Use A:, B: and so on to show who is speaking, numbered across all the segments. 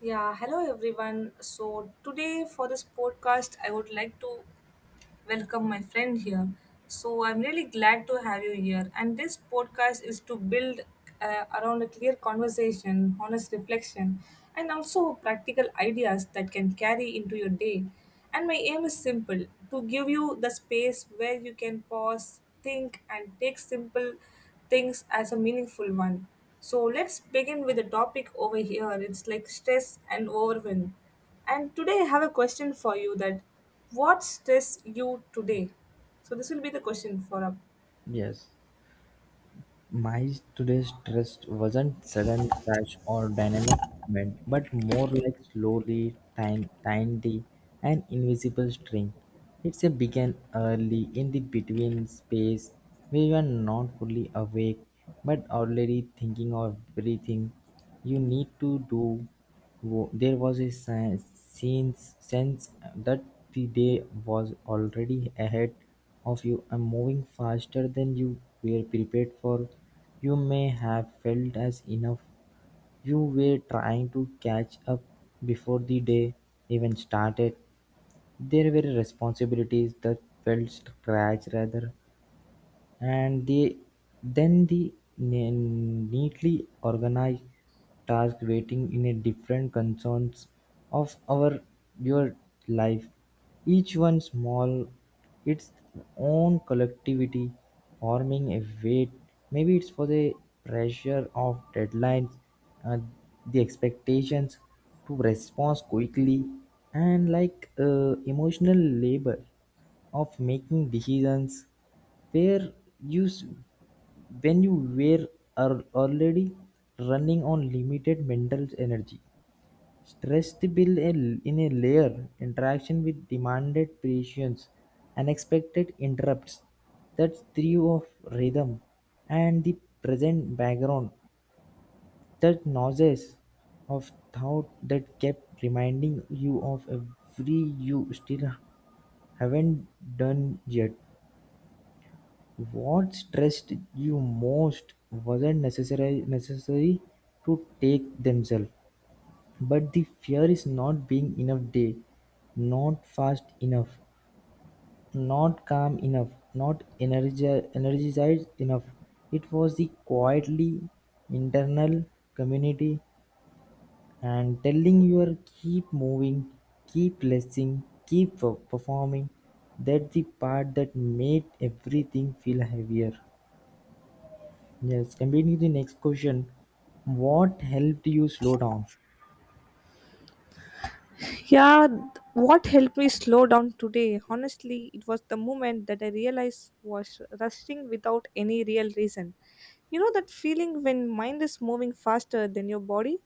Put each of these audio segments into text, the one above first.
A: Yeah, hello everyone. So, today for this podcast, I would like to welcome my friend here. So, I'm really glad to have you here. And this podcast is to build around a clear conversation, honest reflection, and also practical ideas that can carry into your day. And my aim is simple to give you the space where you can pause, think, and take simple things as a meaningful one. So let's begin with the topic over here. It's like stress and overwhelm. And today I have a question for you that what stress you today? So this will be the question for up.
B: Yes, my today's trust wasn't sudden crash or dynamic movement, but more like slowly tiny and invisible string. It's a began early in the between space where you are not fully awake but already thinking of everything you need to do. There was a sense that the day was already ahead of you and moving faster than you were prepared for. You may have felt as enough you were trying to catch up before the day even started. There were responsibilities that felt scratch rather and then the neatly organized task waiting in a different concerns of our your life, each one small, its own collectivity forming a weight. Maybe it's for the pressure of deadlines, uh, the expectations to respond quickly, and like emotional labor of making decisions where use when you were are already running on limited mental energy. Stressed build in a layer interaction with demanded patience, unexpected interrupts, that threw of rhythm, and the present background, that nauseous of thought that kept reminding you of every you still haven't done yet. What stressed you most wasn't necessary to take themselves, but the fear is not being enough day, not fast enough, not calm enough, not energized enough. It was the quietly internal community and telling your keep moving, keep listening, keep performing. That's the part that made everything feel heavier. Yes, combining the next question, what helped you slow down?
A: Yeah, what helped me slow down today? Honestly, it was the moment that I realized was rushing without any real reason. You know that feeling when mind is moving faster than your body?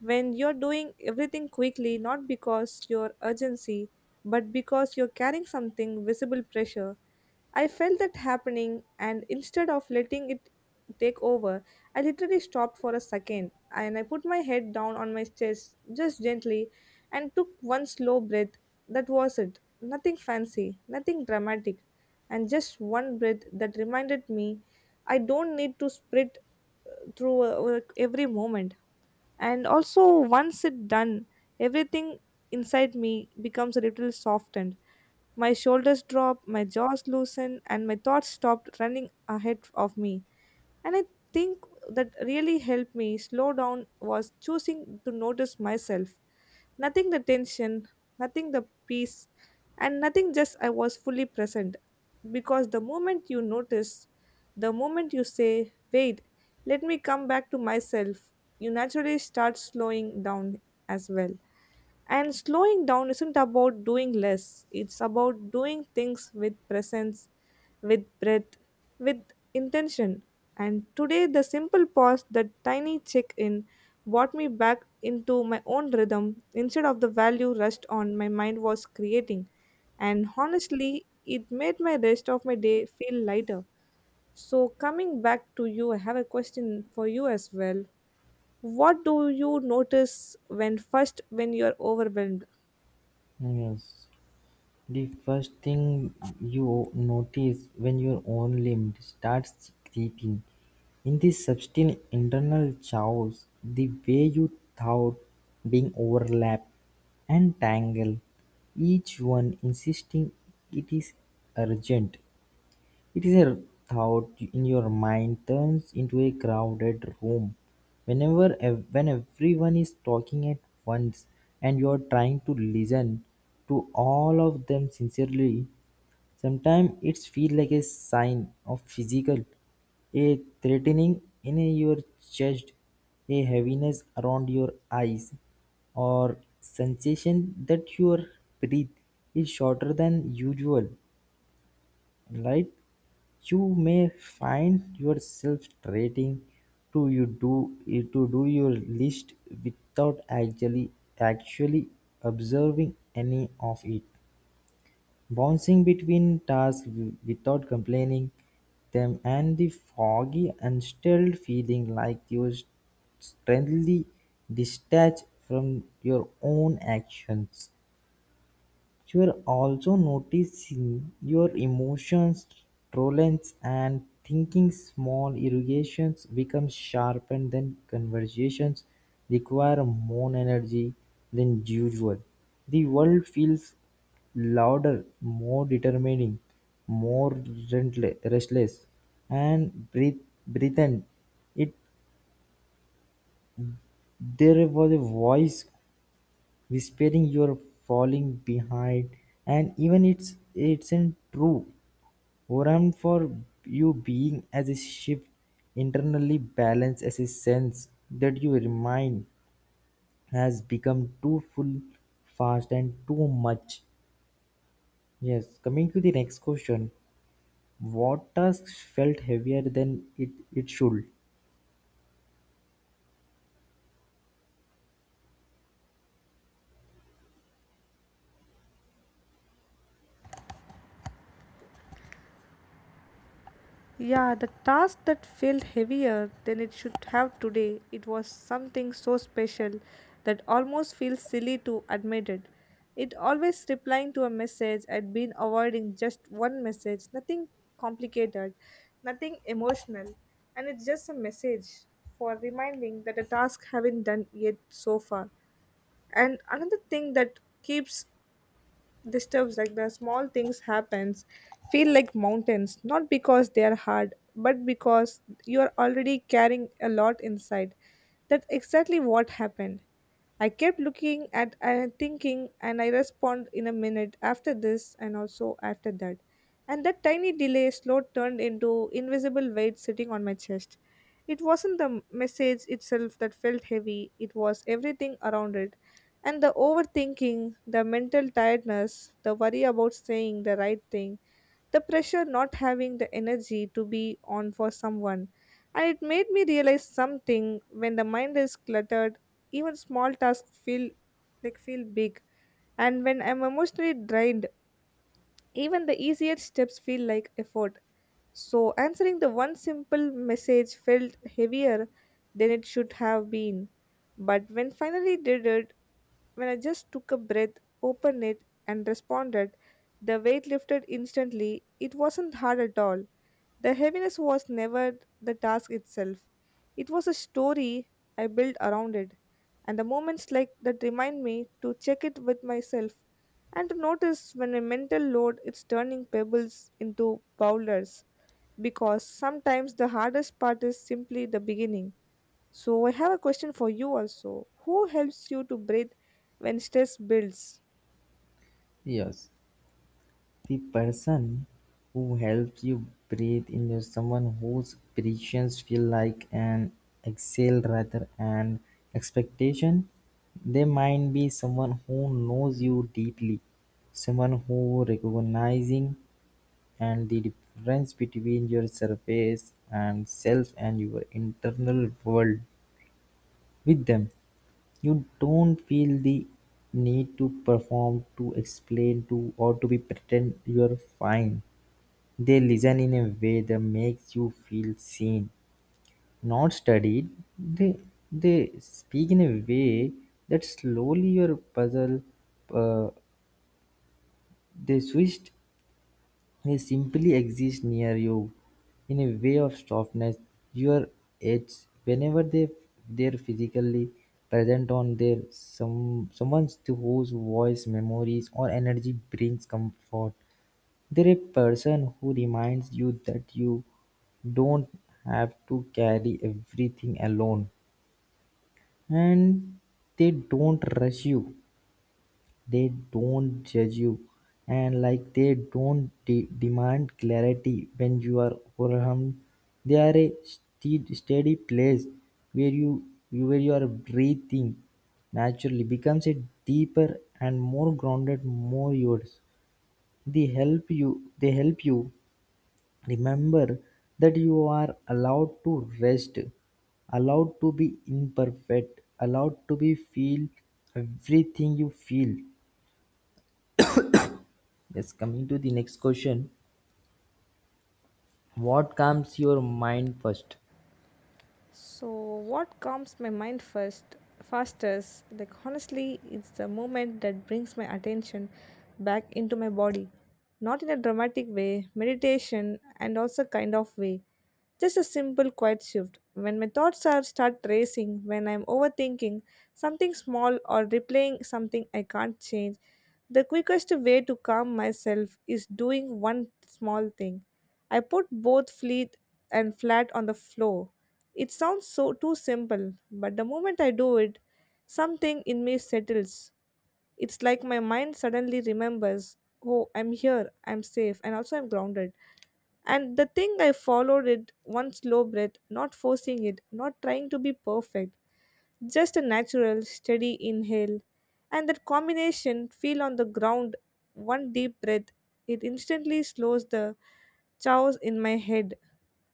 A: When you're doing everything quickly, not because your urgency, but because you're carrying something visible pressure. I felt that happening, and instead of letting it take over, I literally stopped for a second and I put my head down on my chest just gently and took one slow breath. That was it. Nothing fancy, nothing dramatic, and just one breath that reminded me I don't need to sprint through every moment, and also once it done everything inside me becomes a little softened, my shoulders drop, my jaws loosen, and my thoughts stopped running ahead of me. And I think that really helped me slow down was choosing to notice myself. Nothing the tension, nothing the peace, and nothing just I was fully present. Because the moment you notice, the moment you say, wait, let me come back to myself, you naturally start slowing down as well. And slowing down isn't about doing less, it's about doing things with presence, with breath, with intention. And today, the simple pause, that tiny check in, brought me back into my own rhythm instead of the value rushed on my mind was creating. And honestly, it made my rest of my day feel lighter. So, coming back to you, I have a question for you as well. What do you notice when first when you're overwhelmed?
B: Yes, the first thing you notice when your own limb starts creaking. In this subtle internal chaos, the way you thought being overlapped and tangled, each one insisting it is urgent. It is a thought in your mind turns into a crowded room whenever when everyone is talking at once and you are trying to listen to all of them sincerely. Sometimes it feels like a sign of physical, a threatening in your chest, a heaviness around your eyes, or sensation that your breath is shorter than usual. Right, you may find yourself trading to you do to do your list without actually observing any of it, bouncing between tasks without complaining them, and the foggy unsettled feeling like you strangely detached from your own actions. You're also noticing your emotions, tolerance, and thinking small irrigations become sharpened, then conversations require more energy than usual. The world feels louder, more determining, more restless, and breathen. It there was a voice whispering you're falling behind, and even it's in true. Oram for you being as a shift internally balanced as a sense that your mind has become too full, fast and too much. Yes, coming to the next question. What task felt heavier than it should?
A: Yeah, the task that felt heavier than it should have today, it was something so special that almost feels silly to admit it. It always replying to a message, I'd been avoiding just one message, nothing complicated, nothing emotional, and it's just a message for reminding that a task haven't done yet so far. And another thing that keeps disturbs like the small things happens feel like mountains, not because they are hard but because you are already carrying a lot inside. That's exactly what happened. I kept looking at and thinking and I respond in a minute after this and also after that. And that tiny delay slow turned into invisible weight sitting on my chest. It wasn't the message itself that felt heavy, it was everything around it, and the overthinking, the mental tiredness, the worry about saying the right thing, the pressure not having the energy to be on for someone. And it made me realize something when the mind is cluttered, even small tasks feel like feel big. And when I'm emotionally drained, even the easier steps feel like effort. So answering the one simple message felt heavier than it should have been. But when finally did it, when I just took a breath, opened it, and responded, the weight lifted instantly. It wasn't hard at all. The heaviness was never the task itself. It was a story I built around it. And the moments like that remind me to check it with myself and to notice when a mental load is turning pebbles into boulders, because sometimes the hardest part is simply the beginning. So I have a question for you also. Who helps you to breathe when stress builds?
B: Yes. The person who helps you breathe in is someone whose presence feel like an exhale rather an expectation. They might be someone who knows you deeply, someone who recognizing and the difference between your surface and self and your internal world with them. You don't feel the need to perform, to explain, to or to be pretend you're fine. They listen in a way that makes you feel seen, not studied. They they speak in a way that slowly your puzzle. Uh, they switched. They simply exist near you, in a way of softness. Your edge whenever they're physically present on their someone's whose voice, memories, or energy brings comfort. They're a person who reminds you that you don't have to carry everything alone. And they don't rush you, they don't judge you, and like they don't demand clarity when you are overwhelmed. They are a steady place where you are breathing naturally becomes a deeper and more grounded, more yours. They help you remember that you are allowed to rest, allowed to be imperfect, allowed to be feel everything you feel. Yes, coming to the next question. What comes your mind first?
A: So what calms my mind first fastest, like honestly it's the moment that brings my attention back into my body, not in a dramatic way meditation and also kind of way, just a simple quiet shift when my thoughts are start racing, when I'm overthinking something small or replaying something I can't change. The quickest way to calm myself is doing one small thing. I put both fleet and flat on the floor. It sounds so too simple, but the moment I do it, something in me settles. It's like my mind suddenly remembers, oh, I'm here, I'm safe, and also I'm grounded. And the thing I followed it one slow breath, not forcing it, not trying to be perfect, just a natural, steady inhale. And that combination, feel on the ground, one deep breath, it instantly slows the chaos in my head.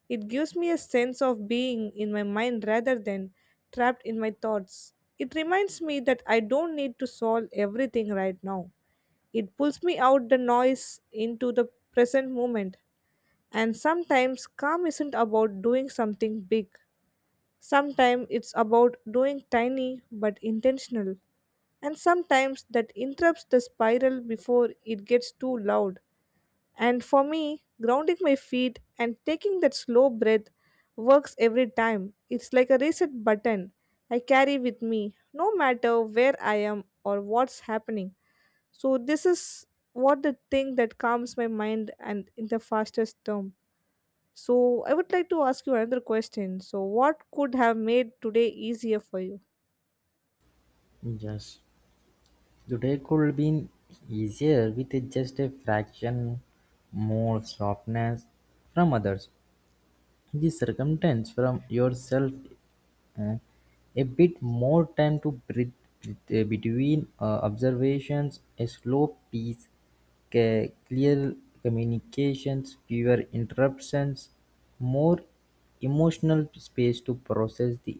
A: It gives me a sense of being in my mind rather than trapped in my thoughts. It reminds me that I don't need to solve everything right now. It pulls me out the noise into the present moment. And sometimes calm isn't about doing something big. Sometimes it's about doing tiny but intentional, and sometimes that interrupts the spiral before it gets too loud. And for me, grounding my feet and taking that slow breath works every time. It's like a reset button I carry with me, no matter where I am or what's happening. So, this is what the thing that calms my mind and in the fastest term. So I would like to ask you another question. So what could have made today easier for you?
B: Yes. Today could have been easier with just a fraction more softness from others. The circumstance from yourself and a bit more time to breathe between observations, a slow pace, clear communications, fewer interruptions, more emotional space to process the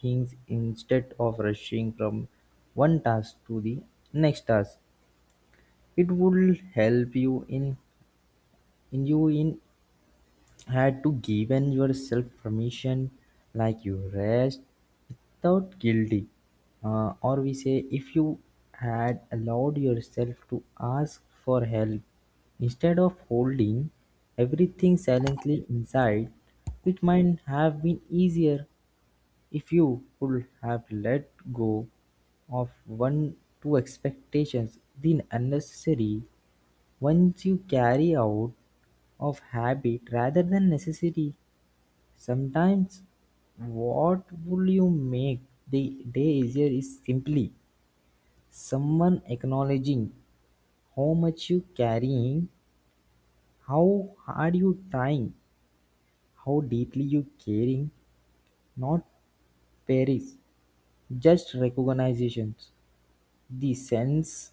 B: things instead of rushing from one task to the next task. It will help you in you in had to given yourself permission like you rest without guilty. Or we say, if you had allowed yourself to ask for help instead of holding everything silently inside, it might have been easier if you could have let go of one two expectations, the unnecessary ones you carry out of habit rather than necessity. Sometimes what will you make the day easier is simply someone acknowledging how much you carrying, how hard you trying, how deeply you caring, not perish, just recognitions, the sense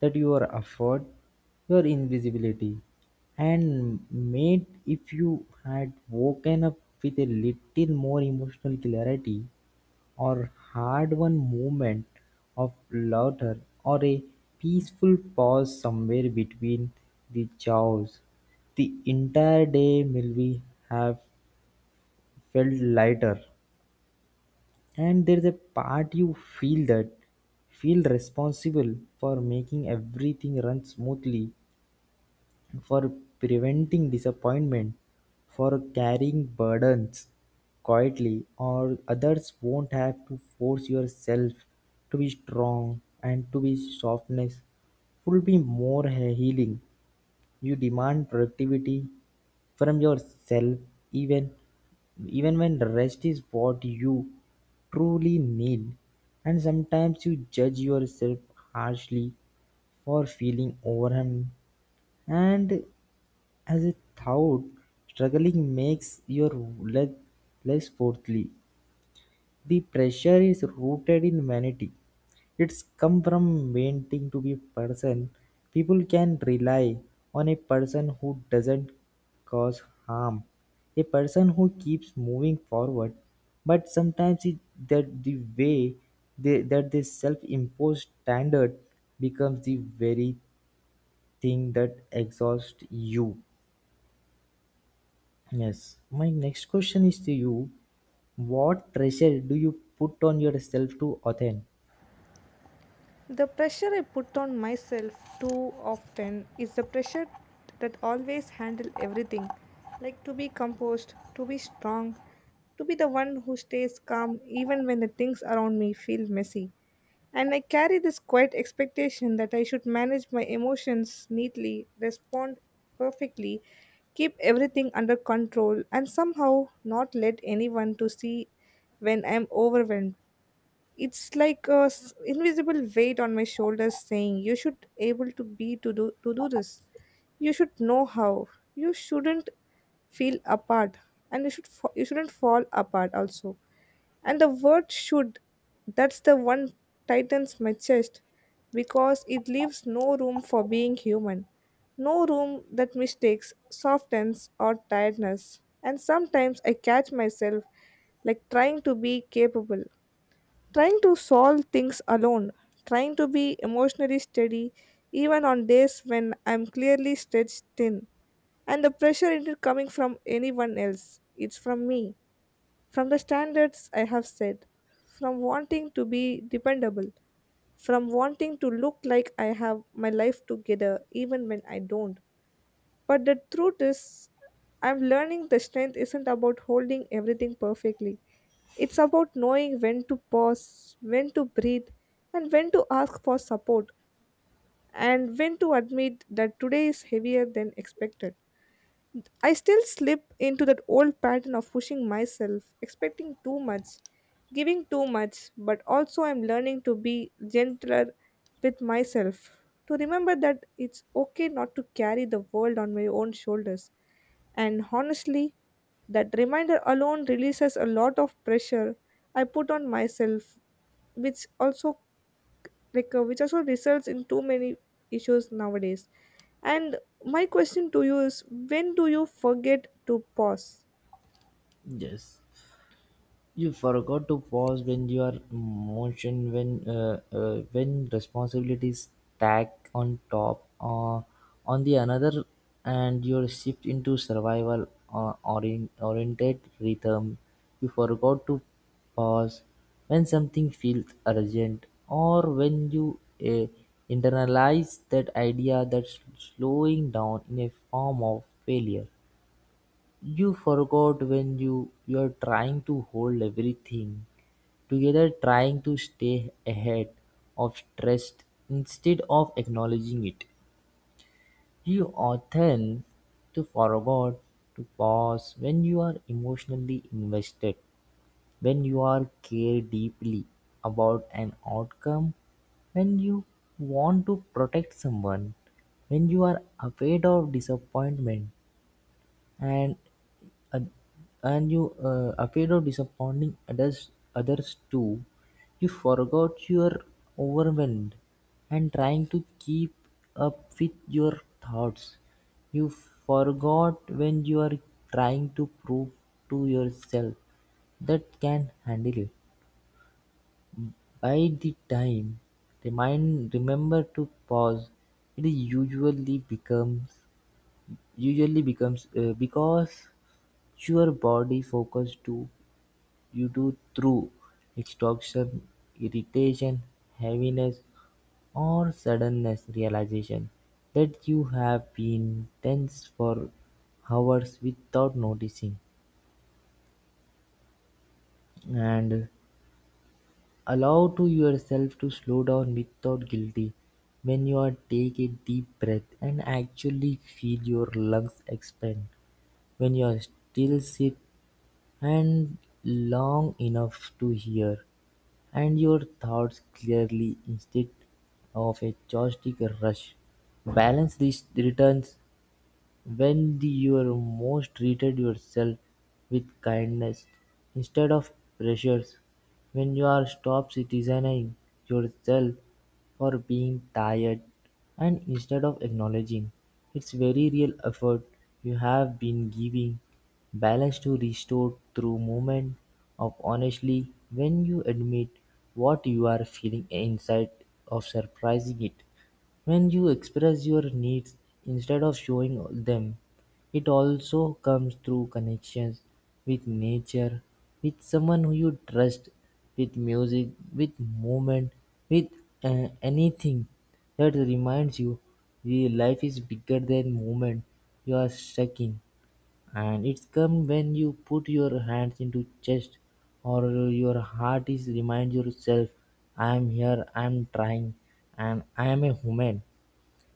B: that your effort, your invisibility, and mate if you had woken up with a little more emotional clarity or had one moment of laughter or a peaceful pause somewhere between the chores. The entire day will be have felt lighter, and there is a part you feel that feel responsible for making everything run smoothly, for preventing disappointment, for carrying burdens quietly, or others won't have to force yourself to be strong and to be softness. Will be more healing. You demand productivity from yourself even even when rest is what you truly need. And sometimes you judge yourself harshly for feeling overwhelmed. And as a thought, struggling makes your leg less forthy. The pressure is rooted in vanity. It's come from wanting to be a person. People can rely on a person who doesn't cause harm. A person who keeps moving forward. But sometimes that the that this self-imposed standard becomes the very thing that exhausts you. Yes, my next question is to you. What pressure do you put on yourself to attain?
A: The pressure I put on myself too often is the pressure that always handle everything, like to be composed, to be strong, to be the one who stays calm even when the things around me feel messy. And I carry this quiet expectation that I should manage my emotions neatly, respond perfectly, keep everything under control, and somehow not let anyone to see when I'm overwhelmed. It's like a invisible weight on my shoulders saying you should able to be to do this. You should know how. You shouldn't feel apart and you should you shouldn't fall apart also. And the word should, that's the one tightens my chest because it leaves no room for being human. No room that mistakes softens or tiredness. And sometimes I catch myself like trying to be capable, trying to solve things alone, trying to be emotionally steady even on days when I'm clearly stretched thin. And the pressure isn't coming from anyone else, it's from me, from the standards I have set, from wanting to be dependable, from wanting to look like I have my life together even when I don't. But the truth is, I'm learning the strength isn't about holding everything perfectly. It's about knowing when to pause, when to breathe, and when to ask for support, and when to admit that today is heavier than expected. I still slip into that old pattern of pushing myself, expecting too much, giving too much, but also I'm learning to be gentler with myself. To remember that it's okay not to carry the world on my own shoulders. And honestly, that reminder alone releases a lot of pressure I put on myself, which also like which also results in too many issues nowadays. And my question to you is when do you forget to pause?
B: Yes. You forgot to pause when you are motion when responsibilities stack on top on the another, and you shift into survival oriented rhythm. You forgot to pause when something feels urgent, or when you uh, internalize that idea that slowing down in a form of failure. You forgot when you are trying to hold everything together, trying to stay ahead of stress instead of acknowledging it. You often to forgot to pause when you are emotionally invested, when you are care deeply about an outcome, when you want to protect someone, when you are afraid of disappointment and and and you afraid of disappointing others, others too. You forgot you're overwhelmed and trying to keep up with your thoughts. You forgot when you are trying to prove to yourself that can handle it. By the time, remind remember to pause. It usually becomes because your body focus to you do through exhaustion, irritation, heaviness, or suddenness realization that you have been tense for hours without noticing, and allow to yourself to slow down without guilty. When you are take a deep breath and actually feel your lungs expand, when you are still sit and long enough to hear and your thoughts clearly instead of a chaotic rush. Balance these returns when you're most treated yourself with kindness instead of pressures, when you are stop citizening yourself for being tired and instead of acknowledging its very real effort you have been giving balance to restore through moment of honestly when you admit what you are feeling inside of surprising it, when you express your needs instead of showing them, it also comes through connections with nature, with someone who you trust, with music, with movement, with anything that reminds you the life is bigger than moment you are stuck in. And it's come when you put your hands into chest or your heart is remind yourself, I am here, I am trying, and I am a human.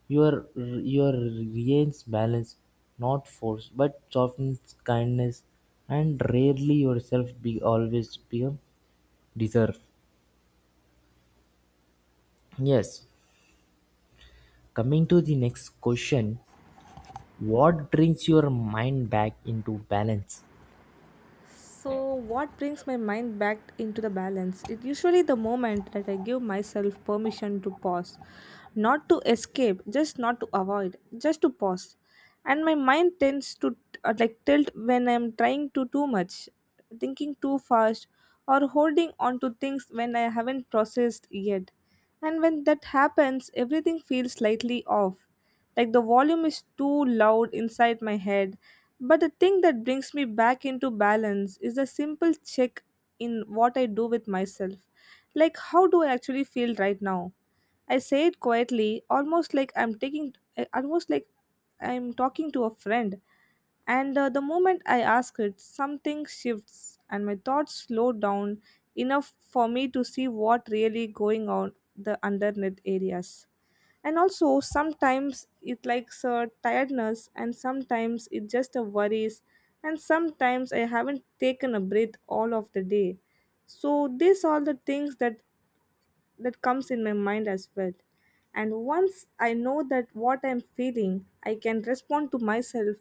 B: Your reigns balance, not force, but softens kindness, and rarely yourself be always become deserve. Yes. Coming to the next question, what brings your mind back into balance?
A: So, what brings my mind back into the balance? It usually the moment that I give myself permission to pause, not to escape, just not to avoid, just to pause. And my mind tends to like tilt when I'm trying to too much, thinking too fast, or holding on to things when I haven't processed yet. And when that happens, everything feels slightly off, like the volume is too loud inside my head. But the thing that brings me back into balance is a simple check in what I do with myself. Like, how do I actually feel right now? I say it quietly, almost like I'm taking, almost like I'm talking to a friend. And the moment I ask it, something shifts and my thoughts slow down enough for me to see what really going on the underneath areas. And also sometimes it likes a tiredness, and sometimes it just a worries, and sometimes I haven't taken a breath all of the day. So these are the things that comes in my mind as well. And once I know that what I'm feeling, I can respond to myself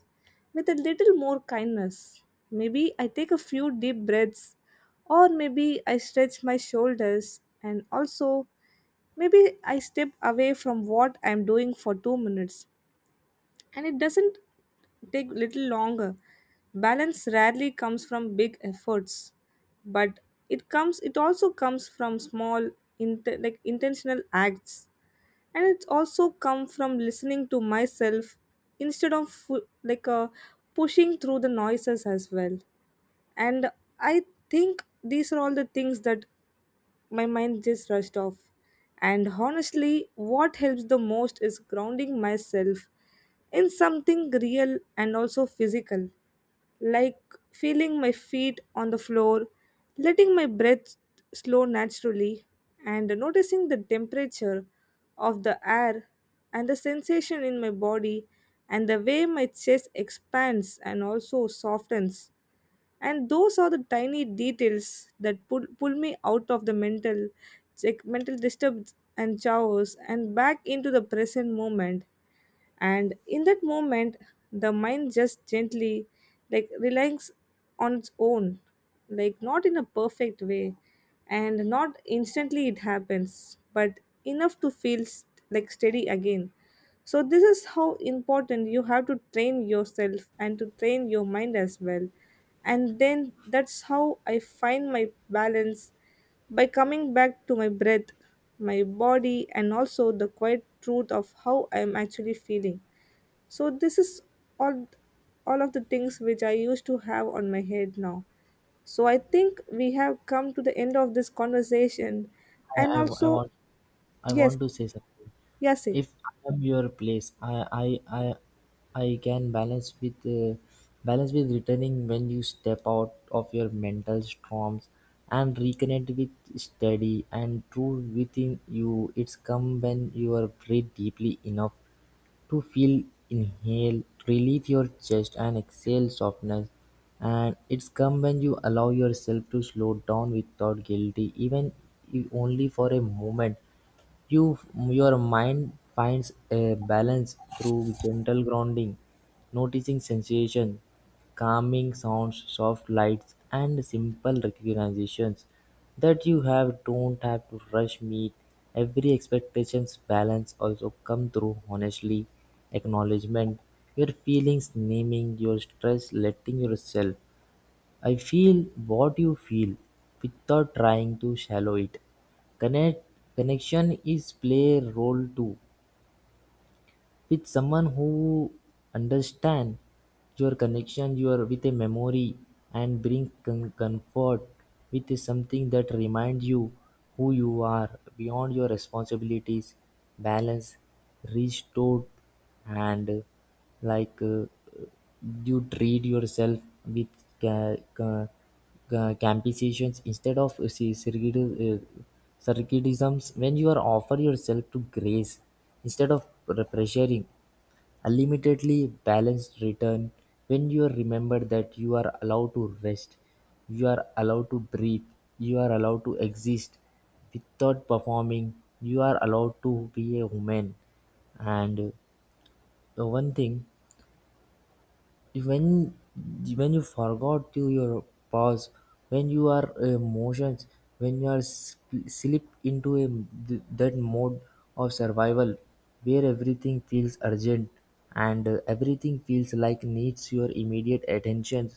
A: with a little more kindness. Maybe I take a few deep breaths, or maybe I stretch my shoulders, and also maybe I step away from what I'm doing for 2 minutes, and it doesn't take little longer. Balance rarely comes from big efforts, but it comes, it also comes from small int like intentional acts, and it's also come from listening to myself instead of pushing through the noises as well. And I think these are all the things that my mind just rushed off. And honestly, what helps the most is grounding myself in something real and also physical, like feeling my feet on the floor, letting my breath slow naturally, and noticing the temperature of the air and the sensation in my body and the way my chest expands and also softens. And those are the tiny details that pull me out of the mental like mental disturbance and chaos and back into the present moment. And in that moment the mind just gently like relaxes on its own, like not in a perfect way and not instantly it happens, but enough to feel like steady again. So this is how important you have to train yourself and to train your mind as well. And then that's how I find my balance, by coming back to my breath, my body, and also the quiet truth of how I am actually feeling. So this is all all of the things which I used to have on my head now. So I think we have come to the end of this conversation. And
B: I, I, I
A: also,
B: want I
A: yes,
B: want to say something.
A: yes, eh.
B: If I am your place, I, I can balance with returning when you step out of your mental storms and reconnect with study and true within you. It's come when you are breathe deeply enough to feel inhale, relieve your chest and exhale softness. And it's come when you allow yourself to slow down without guilty, even if only for a moment. Your mind finds a balance through gentle grounding, noticing sensation. Calming sounds, soft lights, and simple recognitions that you have don't have to rush meet every expectations balance also come through honestly acknowledgement your feelings naming your stress letting yourself I feel what you feel without trying to shallow it. connect Connection is play role too, with someone who understand your connection your with a memory and bring comfort with something that reminds you who you are beyond your responsibilities. Balance restored and like uh, you treat yourself with campisations instead of circadisms when you are offer yourself to grace instead of pressuring. Unlimitedly balanced return when you remember that you are allowed to rest, you are allowed to breathe, you are allowed to exist without performing, you are allowed to be a woman. And one thing, when when you forgot to your pause when you are emotions when you are slipped into that mode of survival where everything feels urgent and everything feels like needs your immediate attention.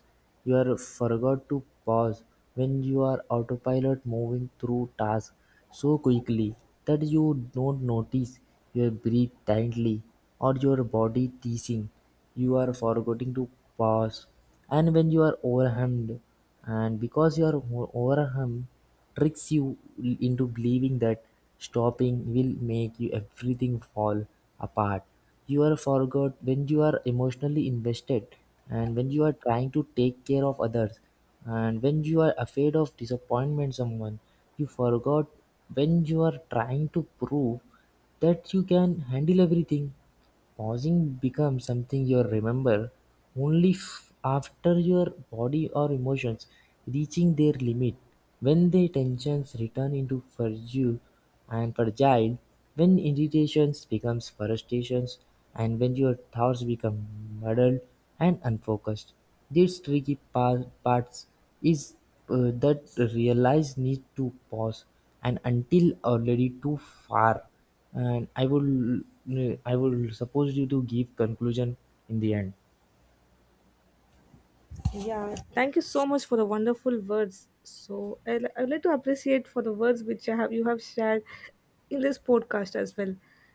B: You are forgot to pause when you are autopilot moving through tasks so quickly that you don't notice your breathe tightly or your body teasing. You are forgetting to pause, and when you are overwhelmed and because you are overwhelmed tricks you into believing that stopping will make you everything fall apart. You are forgot when you are emotionally invested, and when you are trying to take care of others, and when you are afraid of disappointment someone. You forgot when you are trying to prove that you can handle everything. Pausing becomes something you remember only after your body or emotions reaching their limit, when the tensions return into fragile and fragile, when irritations becomes frustrations, and when your thoughts become muddled and unfocused. This tricky parts is that realize need to pause and until already too far, and I will suppose you to give conclusion in the end.
A: Yeah, thank you so much for the wonderful words. So I would like to appreciate for the words which I have you have shared in this podcast as well.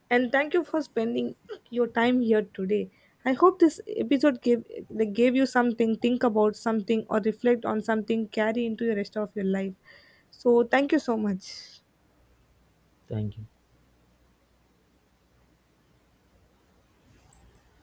A: And thank you for spending your time here today. I hope this episode gave like gave you something, think about something or reflect on something, carry into the rest of your life. So thank you so much.
B: Thank you.